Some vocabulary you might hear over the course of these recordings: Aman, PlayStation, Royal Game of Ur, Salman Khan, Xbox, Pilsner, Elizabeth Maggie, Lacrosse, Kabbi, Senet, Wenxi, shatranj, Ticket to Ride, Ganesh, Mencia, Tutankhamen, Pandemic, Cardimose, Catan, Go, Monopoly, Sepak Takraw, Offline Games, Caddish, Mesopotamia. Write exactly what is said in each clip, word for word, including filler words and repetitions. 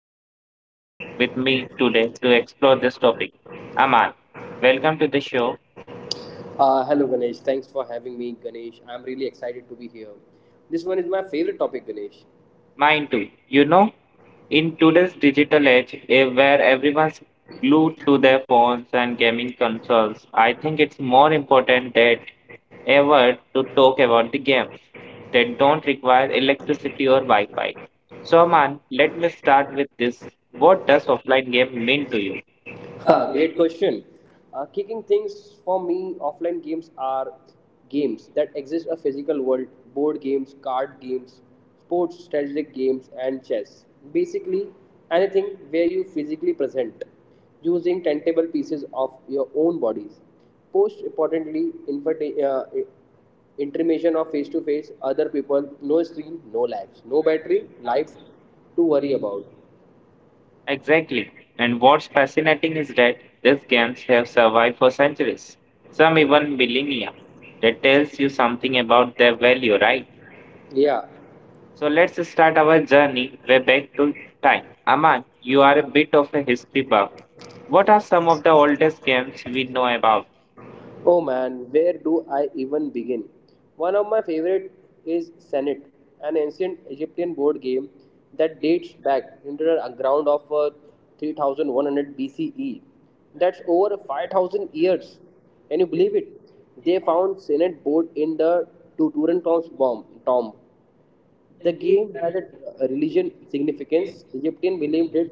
fantastic guest with me today to explore this topic. Aman, welcome to the show. Uh, hello, Ganesh. Thanks for having me, Ganesh. I'm really excited to be here. This one is my favorite topic, Ganesh. Mine too. You know, in today's digital age, eh, where everyone's glued to their phones and gaming consoles, I think it's more important than ever to talk about the games that don't require electricity or Wi Fi. So, Aman, let me start with this. What does offline game mean to you? Huh, great question. Uh, kicking things for me, offline games are games that exist a physical world, board games, card games, sports strategic games, and chess. Basically, anything where you physically present using tentable pieces of your own bodies. Post importantly, invita- uh, intermission of face to face, other people, no screen, no lags, no battery, life to worry about. Exactly. And what's fascinating is that these games have survived for centuries, some even millennia. That tells you something about their value, right? Yeah. So let's start our journey way back to time. Aman, you are a bit of a history buff. What are some of the oldest games we know about? Oh man, where do I even begin? One of my favorite is Senet, an ancient Egyptian board game that dates back into the ground of uh, three thousand one hundred B C E. That's over five thousand years. Can you believe it? They found Senet board in the Tutankhamen's bomb tomb. The game has a a religion significance. Egyptian believed it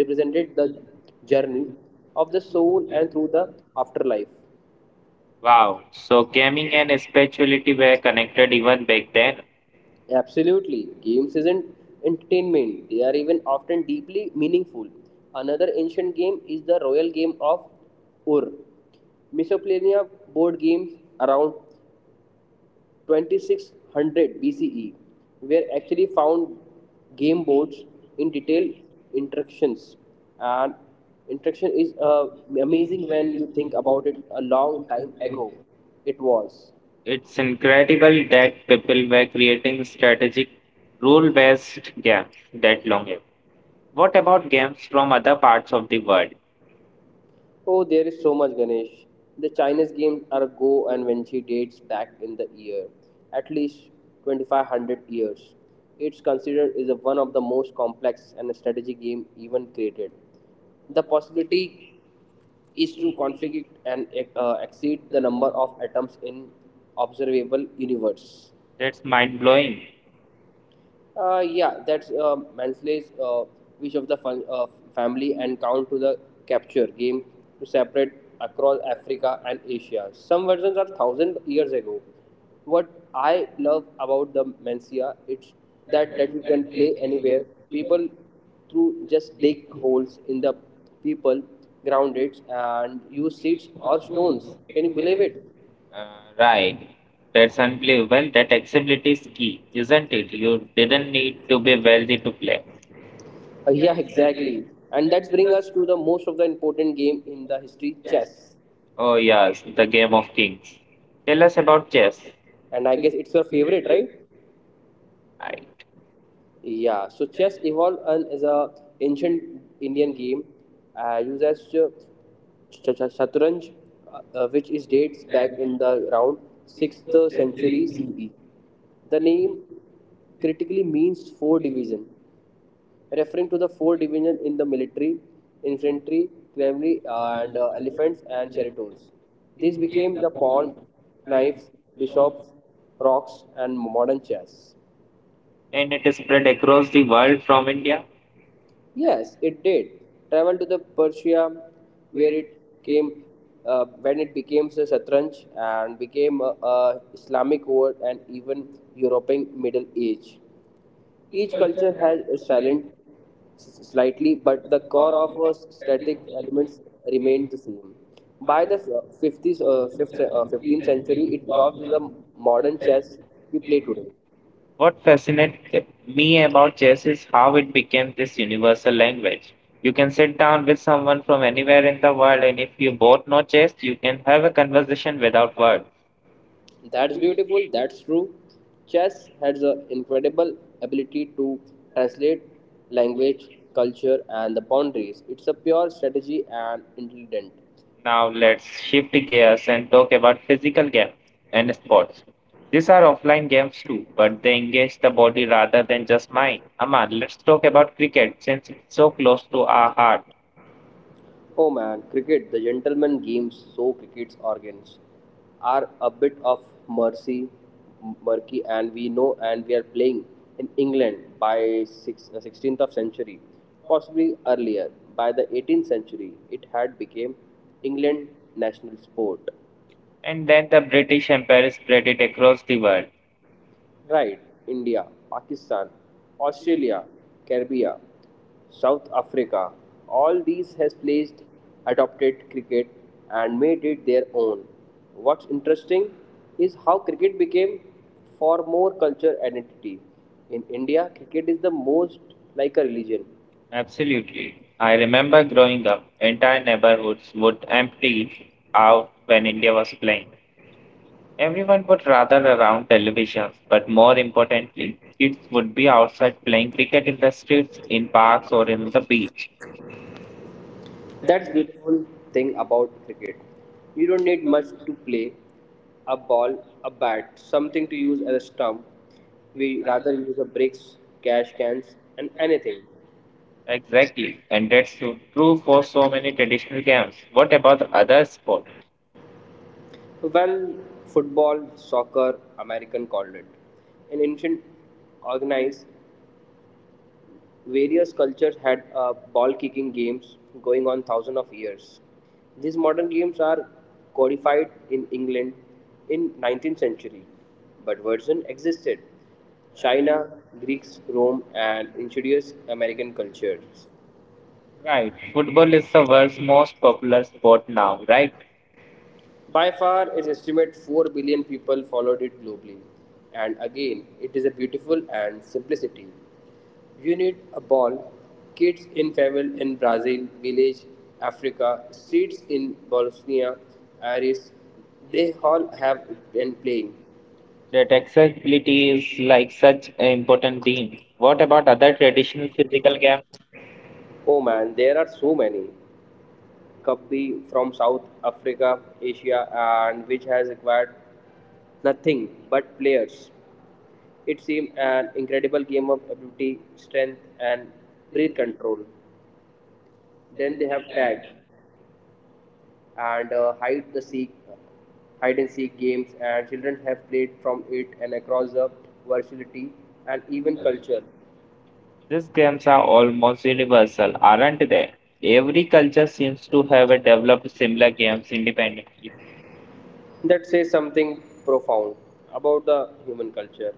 represented the journey of the soul and through the afterlife. Wow, so gaming and spirituality were connected even back then. Absolutely. Games isn't entertainment, they are even often deeply meaningful. Another ancient game is the royal game of Ur. Mesopotamia board games around twenty-six hundred B C E were actually found game boards in detailed instructions. And instruction is uh, amazing when you think about it a long time ago. It was. It's incredible that people were creating strategic rule based games that long ago. What about games from other parts of the world? Oh, there is so much, Ganesh. The Chinese games are a Go and Wenxi dates back in the year, at least twenty-five hundred years. It's considered is a- one of the most complex and strategy game even created. The possibility is to configure and uh, exceed the number of atoms in observable universe. That's mind blowing. Uh, yeah, that's uh, Mansley's uh, wish of the fun, uh, family and count to the capture game to separate across Africa and Asia. Some versions are thousand years ago. What I love about the Mencia it's that that you can play anywhere. People through just dig holes in the people, ground it, and use seeds or stones. Can you believe it? Uh, right. That's unbelievable. Well, that accessibility is key, isn't it? You didn't need to be wealthy to play. Uh, yeah, exactly. And that's bring us to the most of the important game in the history, chess. Oh, yes, the game of kings. Tell us about chess. And I guess it's your favorite, right? Right. Yeah. So chess evolved and is a ancient Indian game uh, used as uh, ch- ch- shatranj, uh, uh, which is dates back in the around sixth century C E. The name critically means four division, referring to the four division in the military, infantry, cavalry, and uh, elephants and chariots. These became the pawn, knives, bishops, rocks, and modern chess. And it is spread across the world from India. Yes, it did. Travel to the Persia, where it came, uh, when it became the Shatranj and became a, a Islamic world and even European Middle Age. Each culture has a silent s- slightly, but the core of uh, static elements remained the same. By the uh, fifties, uh, fifth, uh, fifteenth century, it evolved to the modern chess we play today. What fascinates me about chess is how it became this universal language. You can sit down with someone from anywhere in the world, and if you both know chess, you can have a conversation without words. That's beautiful, that's true. Chess has an incredible ability to translate language, culture, and the boundaries. It's a pure strategy and intelligent. Now let's shift gears and talk about physical games and sports. These are offline games too, but they engage the body rather than just mind. Aman, let's talk about cricket since it's so close to our heart. Oh man, cricket, the gentleman games, so cricket's organs are a bit of mercy, murky, and we know and we are playing in England by six, uh, sixteenth of century, possibly earlier. By the eighteenth century, it had become England national sport. And then the British Empire spread it across the world. Right, India, Pakistan, Australia, Caribbean, South Africa, all these has placed adopted cricket and made it their own. What's interesting is how cricket became for more culture identity. In India, cricket is the most like a religion. Absolutely. I remember growing up, entire neighborhoods would empty out when India was playing. Everyone would rather around televisions, but more importantly, kids would be outside playing cricket in the streets, in parks, or in the beach. That's beautiful thing about cricket. You don't need much to play a ball, a bat, something to use as a stump. We rather use a bricks, cash cans, and anything. Exactly, and that's so true for so many traditional games. What about the other sports? Well, football, soccer, American called it. In ancient organized various cultures had uh, ball kicking games going on thousands of years. These modern games are codified in England in nineteenth century, but version existed China, Greeks, Rome, and insidious American cultures. Right, football is the world's most popular sport now, right? By far, it's estimated 4 billion people followed it globally. And again, it is a beautiful and simplicity. You need a ball. Kids in favel in Brazil, village, Africa, streets in Bosnia, Iris, they all have been playing. That accessibility is like such an important theme. What about other traditional physical games? Oh man, there are so many. Kabbi from South Africa, Asia, and which has acquired nothing but players. It seemed an incredible game of ability, strength, and breath control. Then they have tag and uh, hide the seek, hide and seek games, and children have played from it and across the versatility and even culture. These games are almost universal, aren't they? Every culture seems to have a developed similar games independently. That says something profound about the human culture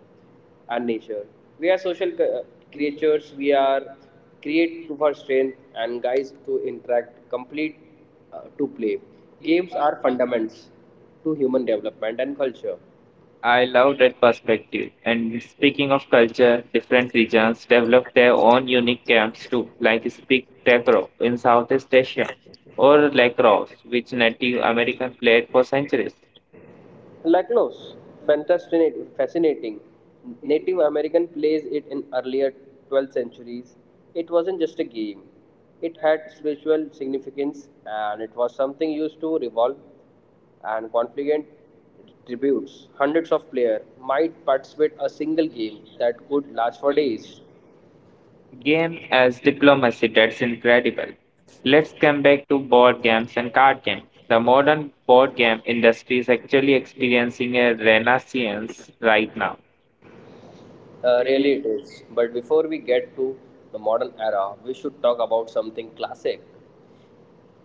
and nature. We are social c- creatures. We are create to for strength and guys to interact, complete uh, to play. Games are fundamentals to human development and culture. I love that perspective. And speaking of culture, different regions develop their own unique games too, like Speak Takraw in Southeast Asia or Lacrosse, which Native Americans played for centuries. Lacrosse, fascinating. Native American plays it in earlier twelfth centuries. It wasn't just a game. It had spiritual significance and it was something used to revolve and conflict tributes. Hundreds of players might participate a single game that could last for days. Game as diplomacy, that's incredible. Let's come back to board games and card games. The modern board game industry is actually experiencing a renaissance right now. Uh, really it is. But before we get to the modern era, we should talk about something classic.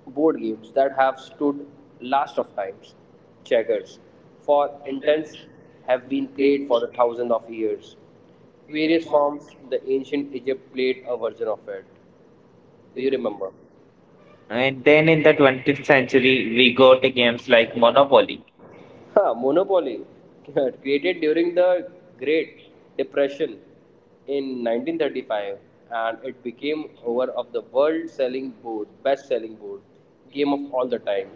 Board games that have stood last of times, checkers, for intents have been played for the thousands of years. Various forms, the ancient Egypt played a version of it. Do you remember? And then in the twentieth century, we got games like Monopoly. Ha, Monopoly, created during the Great Depression in nineteen thirty-five, and it became one of the world-selling board, best-selling board game of all the time.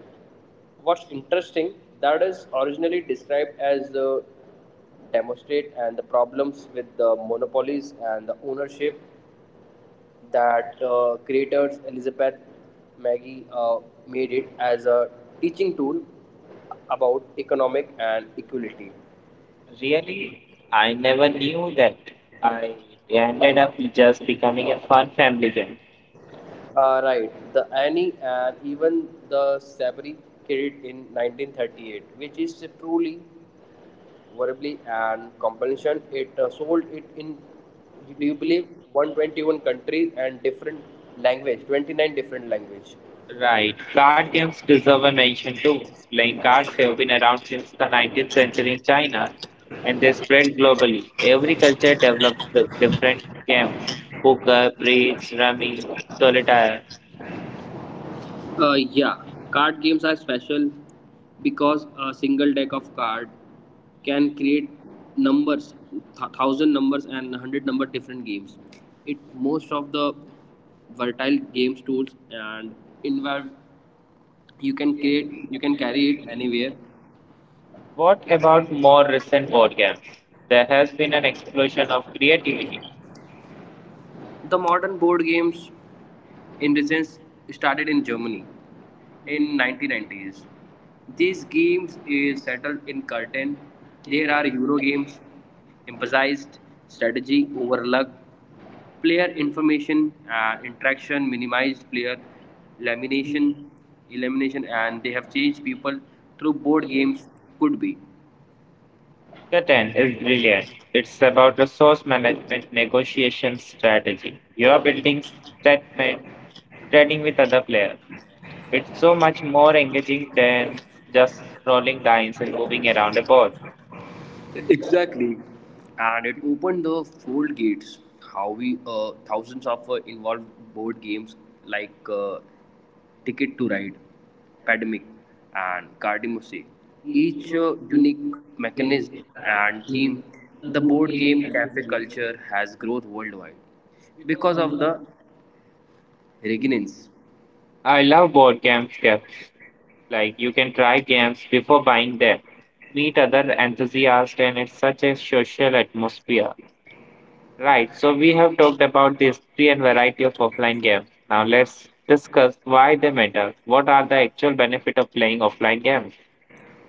What's interesting, that is originally described as the demonstrate and the problems with the monopolies and the ownership that uh, creators Elizabeth Maggie uh, made it as a teaching tool about economic and equality. Really, I never knew that. I ended up just becoming a fun family game. Uh, right, the Annie and even the Sabri carried in nineteen thirty-eight, which is truly variably and compensation, it uh, sold it in, do you believe, one hundred twenty-one countries and different language, twenty-nine different language. Right. Card games deserve a mention too. Playing cards have been around since the nineteenth century in China, and they spread globally. Every culture developed d- different games, poker, bridge, rummy, solitaire. Uh, yeah, card games are special because a single deck of card can create numbers, th- thousand numbers and hundred number different games. It most of the versatile games tools and involve you can create you can carry it anywhere. What about more recent board games? There has been an explosion of creativity. The modern board games in recent, started in Germany in nineteen nineties. These games is settled in curtain. There are Euro games, emphasized strategy over luck, player information and interaction, minimized player elimination, elimination, and they have changed people through board games could be. Catan is brilliant. It's about resource management, negotiation strategy. You are building statement, trading with other players. It's so much more engaging than just scrolling lines and moving around a board. Exactly. And it opened the fold gates. How we uh, thousands of uh, involved board games like uh, Ticket to Ride, Pandemic, and Cardimose. Each uh, unique mechanism and theme, the board game cafe culture has growth worldwide because of the regnance. I love board games, games. Like you can try games before buying them, meet other enthusiasts, and it's such a social atmosphere. Right, so we have talked about the history and variety of offline games. Now let's discuss why they matter. What are the actual benefit of playing offline games?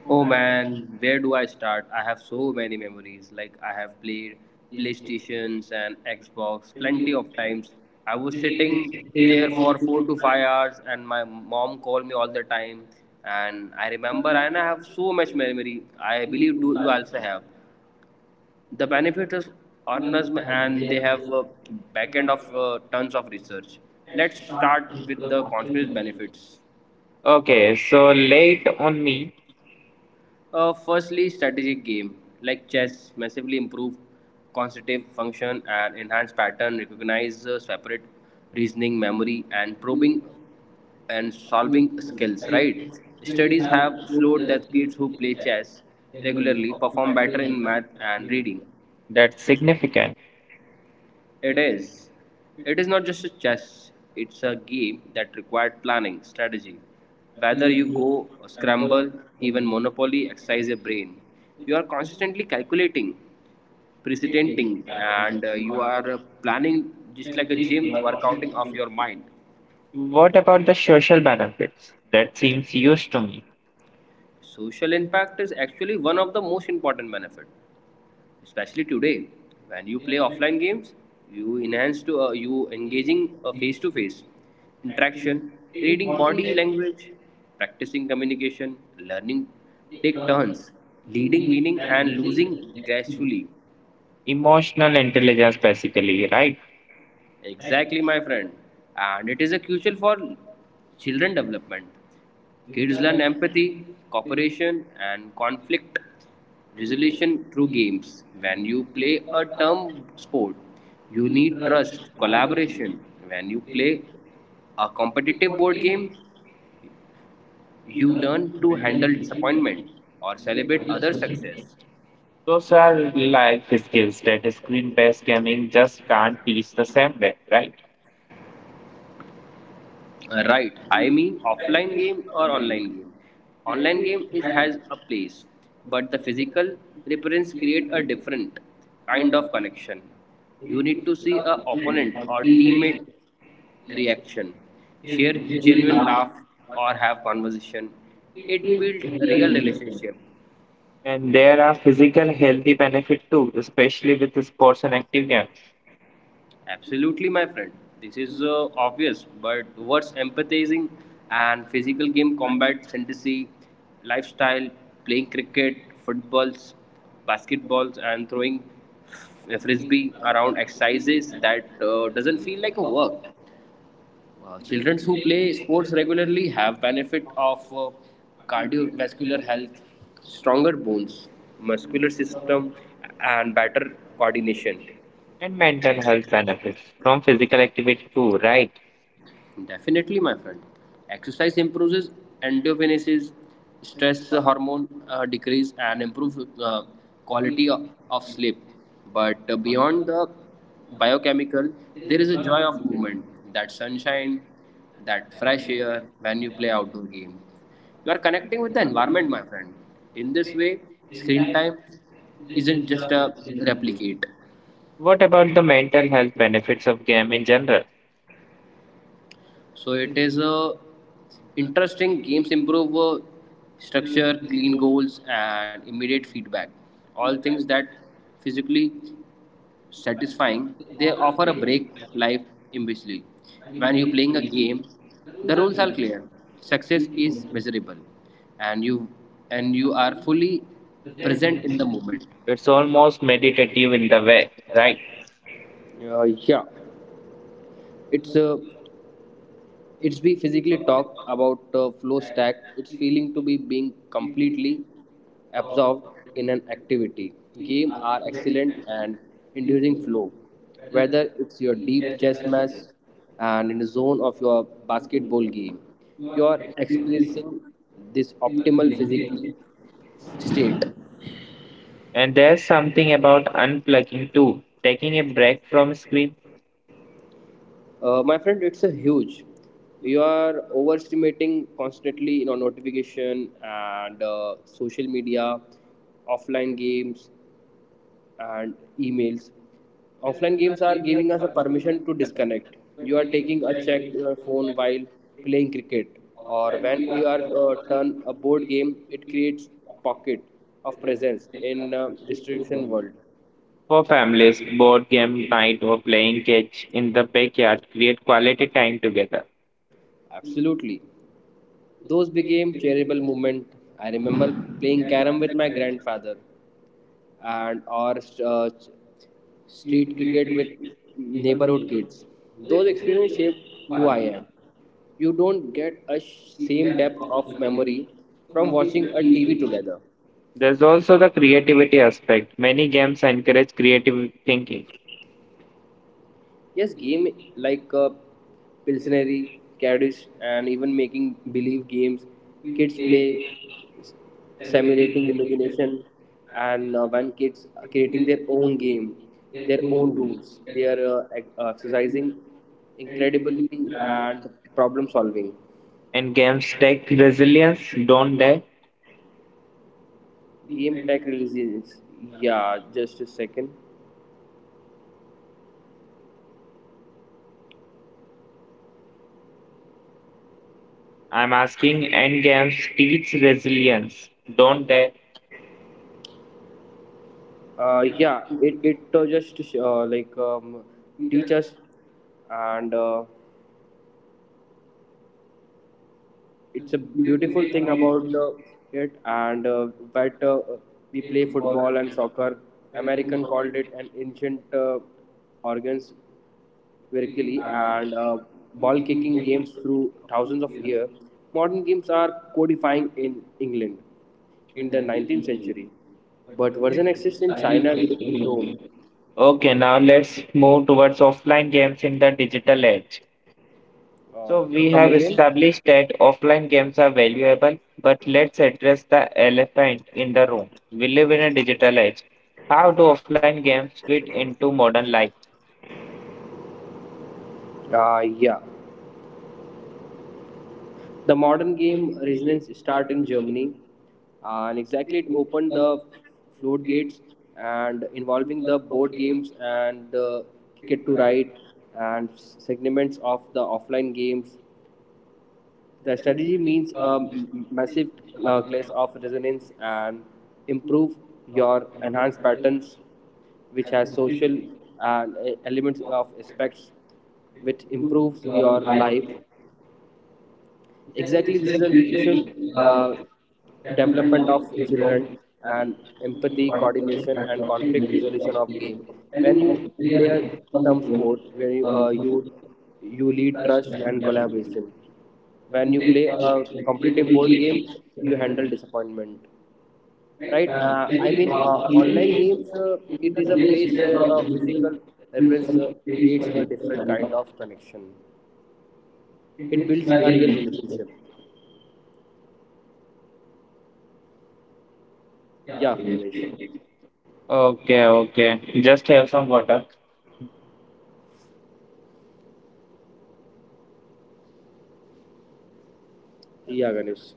Oh man, where do I start? I have so many memories. Like I have played PlayStations and Xbox plenty of times. I was sitting there for four to five hours and my mom called me all the time and I remember and I have so much memory. I believe do you also have. The benefit is organism and they have a back end of uh, tons of research. Let's start with the conference benefits. Okay, so late on me, Uh, firstly, strategic game like chess massively improve cognitive function and enhance pattern, recognize uh, separate reasoning, memory, and probing and solving skills. Right? Studies have showed that kids who play chess regularly perform better in math and reading. that's significant. It is. It is not just a chess, it's a game that required planning, strategy. Whether you go or scramble, even Monopoly exercise your brain. You are constantly calculating, precedenting, and uh, you are uh, planning just like a gym workouting of your mind. What about the social benefits? That seems huge to me. Social impact is actually one of the most important benefits. Especially today when you play offline games you enhance to uh, you engaging a face to face interaction reading body language practicing communication learning take turns leading winning and losing gracefully. Emotional intelligence, basically, right? Exactly, my friend. And it is a crucial for children development. Kids learn empathy, cooperation, and conflict resolution through games. When you play a term sport, you need trust, collaboration. When you play a competitive board game, you learn to handle disappointment or celebrate other success. Those are life skills that screen based gaming just can't teach the same way, right? Uh, Right. I mean offline game or online game. Online game is has a place, but the physical reference create a different kind of connection. You need to see a opponent or teammate reaction, share genuine laugh or have conversation. It build real relationship. And there are physical healthy benefits too, especially with the sports and active games, Absolutely, my friend. This is uh, obvious, but what's empathizing and physical game combat, fantasy, lifestyle, playing cricket, footballs, basketballs, and throwing f- frisbee around exercises that uh, doesn't feel like a work. Uh, children who play sports regularly have benefit of uh, cardiovascular health, stronger bones, muscular system, and better coordination. and mental health benefits from physical activity too, right? Definitely, my friend. Exercise improves endorphins, stress hormone uh, decrease, and improves uh, quality of, of sleep. But uh, beyond the biochemical, there is a joy of movement, that sunshine, that fresh air when you play outdoor game. You are connecting with the environment, my friend. In this way, screen time isn't just a replicate. What about the mental health benefits of game in general? So it is a interesting games improve uh, structure, clean goals, and immediate feedback. All things that physically satisfying. They offer a break life imbecilely. When you're playing a game, the rules are clear. Success is measurable, and you and you are fully present in the moment. It's almost meditative in the way, right? Uh, yeah, it's a it's be physically talk about uh, flow stack it's feeling to be being completely absorbed in an activity game are excellent and inducing flow whether it's your deep chess match and in the zone of your basketball game you are experiencing this optimal physical state. And there's something about unplugging too, taking a break from screen. Uh, my friend, it's a huge. You are overestimating constantly in our notification and uh, social media, offline games and emails. Offline games are giving us a permission to disconnect. You are taking a check to your phone while playing cricket, or when you are uh, turn a board game, it creates pocket of presence in uh, distraction world. For families, board game night or playing catch in the backyard create quality time together. Absolutely, those became charitable movement. I remember playing carom with my grandfather, and or uh, street cricket with neighborhood kids. Those experiences shaped who I am. You don't get a sh- same depth of memory from watching a T V together. There's also the creativity aspect. Many games encourage creative thinking, Yes, game like uh, Pilsneri, Caddish, and even making believe games. Kids play s- simulating imagination, and uh, when kids are creating their own game, their own rules, they are uh, ex- uh, exercising incredibility and problem solving. and games take resilience, don't they? Game tech releases. Yeah, just a second. I'm asking, and games teach resilience, don't they? Uh, yeah, it it uh, just uh, like um, teach us and. Uh, it's a beautiful thing about uh, it and uh, that uh, we play football and soccer. American called it an ancient uh, organs vertically and uh, ball kicking games through thousands of years. Modern games are codifying in England in the nineteenth century, but version exists in China, Greek, Rome. Okay, now let's move towards offline games in the digital age. uh, So c- we Come have again. established that offline games are valuable, but let's address the elephant in the room. We live in a digital age. How do offline games fit into modern life? Uh, yeah, the modern game resonance started in Germany, and exactly it opened the floodgates and involving the board games and uh, Ticket to Ride and segments of the offline games. The strategy means a m- massive uh, class of resonance and improve your enhanced patterns, which has social and uh, e, elements of aspects, which improves your life. Exactly, this is a crucial uh, development of children and empathy coordination and conflict resolution of game. When you play a term sport where you uh, you you lead trust and collaboration, when you play a competitive board game you handle disappointment, right. uh, I mean, uh, online games, uh, it is a place where a physical reference uh, creates a different kind of connection. It builds a real relationship. Yeah, Ganesh. Okay, okay. Just have some water. Yeah, Ganesh.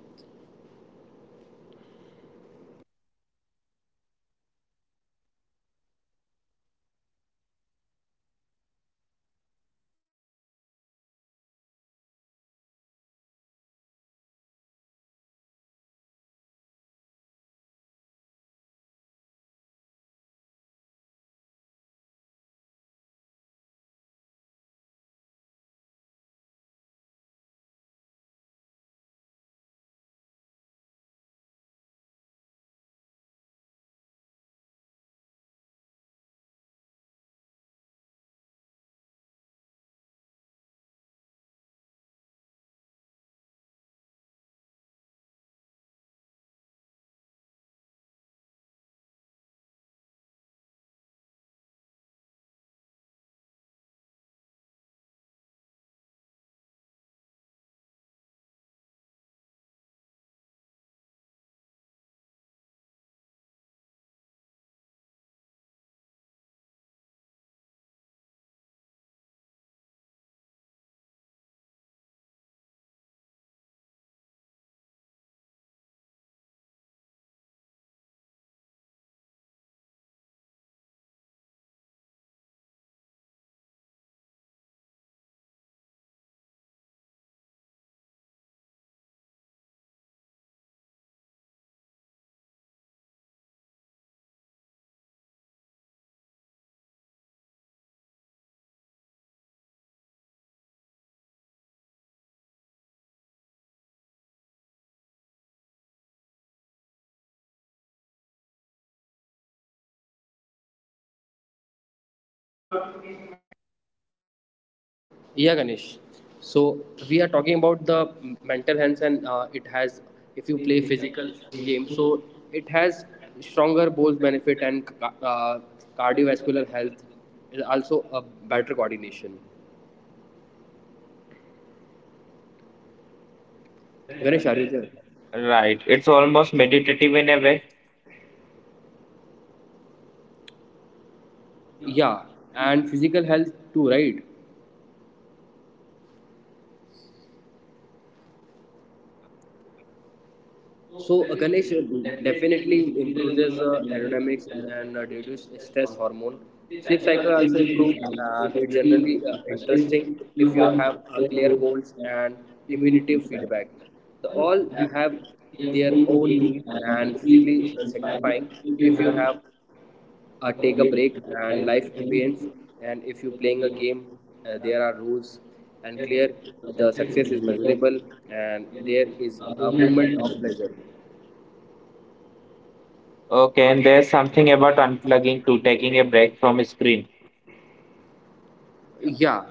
Yeah, Ganesh. So we are talking about the mental health, and uh, it has, if you play physical games, so it has stronger bones benefit and ca- uh, cardiovascular health is also a better coordination. Ganesh, are you there? Right. It's almost meditative in a way. Yeah, and physical health too, right? So uh, Ganesh, uh, definitely improves uh, aerodynamics and uh, reduce stress hormone. Sleep cycle also improve. Uh, it's generally uh, interesting if you have uh, clear goals and immunity feedback. The all uh, have their own need and physically uh, signifying if you have uh, take a break and life ambience, and if you playing a game uh, there are rules and clear, the success is measurable and there is a moment of pleasure. Okay, and there's something about unplugging to taking a break from a screen. Yeah,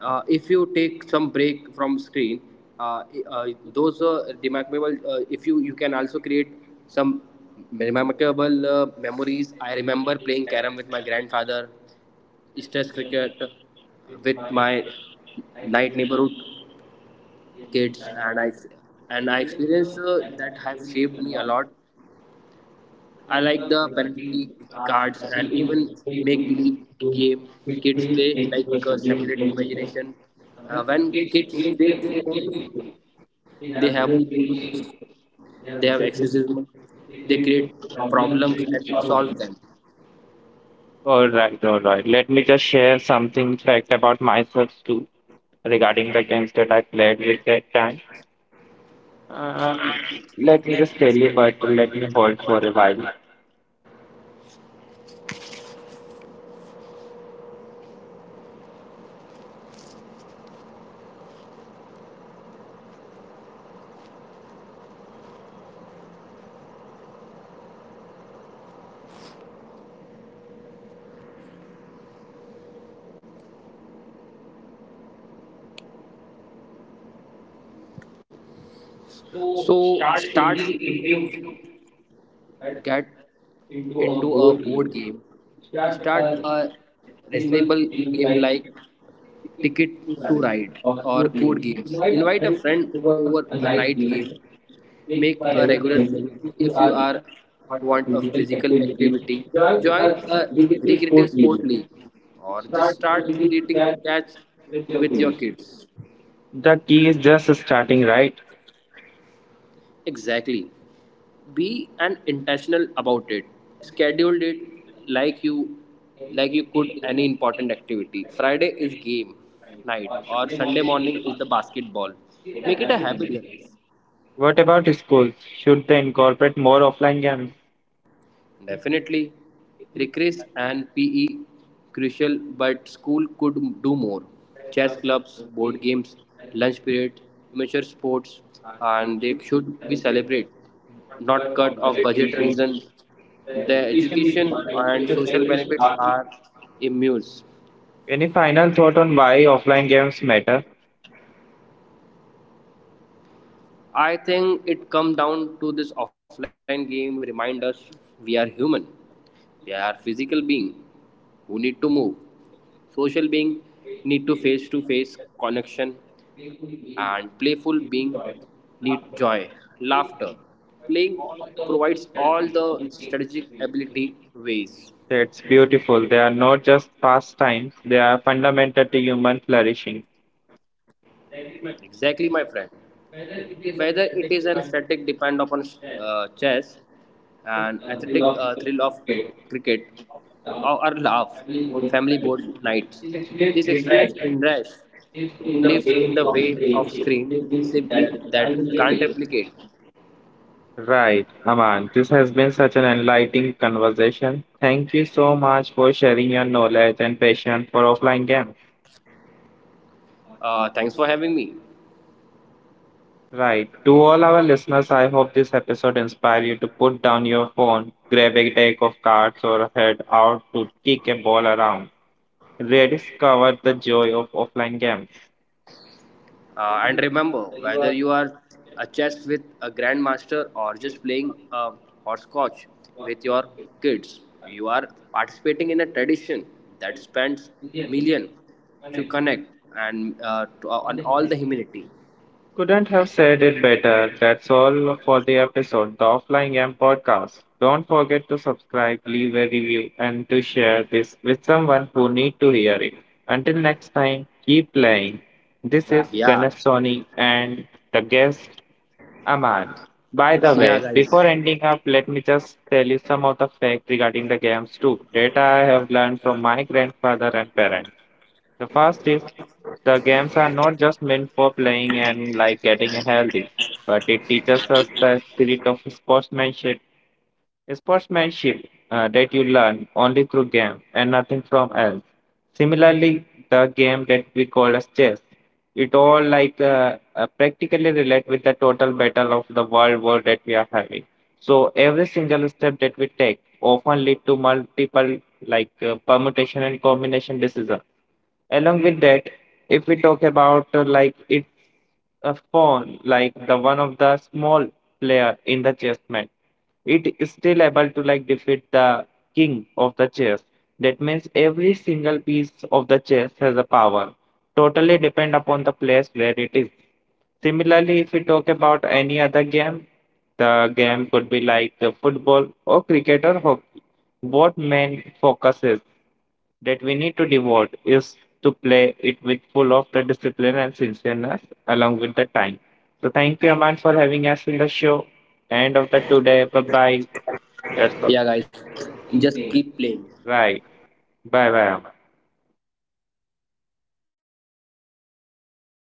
uh, if you take some break from screen, uh, uh, those uh, remarkable. Uh, if you you can also create some remarkable uh, memories. I remember playing carom with my grandfather, stress cricket with my night neighborhood kids, and I and I experienced uh, that have shaped me a lot. I like the penalty cards and even make believe game kids play, like uh, simulate imagination. Uh, when kids play their own game, they have own rules, they have exorcism, they create problems and solve them. All right, all right. Let me just share something fact about myself too regarding the games that I played with that time. Um, Let me just tell you, but let me hold for a while. So start simple if you get into a board game. Start a reasonable game like Ticket to Ride or Code Games. Invite a friend over a night game. Make a regular thing. If you are want a physical activity, join a recreative sport league or just start creating catch with your kids. The key is just starting, right? Exactly. Be an intentional about it. Schedule it like you like you could any important activity. Friday is game night or Sunday morning is the basketball. Make it a habit, guys. What about schools? Should they incorporate more offline games? Definitely, recess and P E crucial, but school could do more. Chess clubs, board games, lunch period, amateur sports, and they should be celebrated, not cut off budget reason. The education and social benefits are immense. Any final thought on why offline games matter? I think it comes down to this: offline game remind us we are human. We are physical being who need to move. Social being need to face to face connection, and playful being need joy, laughter. Playing provides all the strategic ability ways. That's beautiful. They are not just pastimes, they are fundamental to human flourishing. Exactly, my friend. Whether it is an aesthetic depend upon uh, chess, an aesthetic uh, thrill of cricket, or, or laugh, family board nights, this experience in rush lives in the way of screen simply that can't replicate. Right, Aman. This has been such an enlightening conversation. Thank you so much for sharing your knowledge and passion for offline games. Uh, thanks for having me. Right. To all our listeners, I hope this episode inspired you to put down your phone, grab a deck of cards, or head out to kick a ball around. Rediscover the joy of offline games. Uh, and remember, whether you are a chess with a grandmaster or just playing a horsecoach with your kids, you are participating in a tradition that spends million to connect and uh, to, uh, on all the humanity. Couldn't have said it better. That's all for the episode, the Offline Game Podcast. Don't forget to subscribe, leave a review, and to share this with someone who need to hear it. Until next time, keep playing. This is Yeah, Ganesh Soni and the guest Aman, by the yeah, way, guys, before ending up, let me just tell you some of the facts regarding the games too. Data I have learned from my grandfather and parents. The first is the games are not just meant for playing and like getting healthy, but it teaches us the spirit of sportsmanship sportsmanship uh, that you learn only through game and nothing from else. Similarly, the game that we call as chess, it all like uh, uh, practically relate with the total battle of the world war that we are having. So every single step that we take often lead to multiple like uh, permutation and combination decisions. Along with that, if we talk about uh, like it's a pawn, like the one of the small player in the chess match, it is still able to like defeat the king of the chess. That means every single piece of the chess has a power. Totally depend upon the place where it is. Similarly, if we talk about any other game, the game could be like uh, football or cricket or hockey. What main focus is that we need to devote is to play it with full of the discipline and sincereness along with the time. So thank you, Aman, for having us in the show. End of the today. Bye bye. Yes, sir. yeah, guys, just keep playing. Right. Bye bye.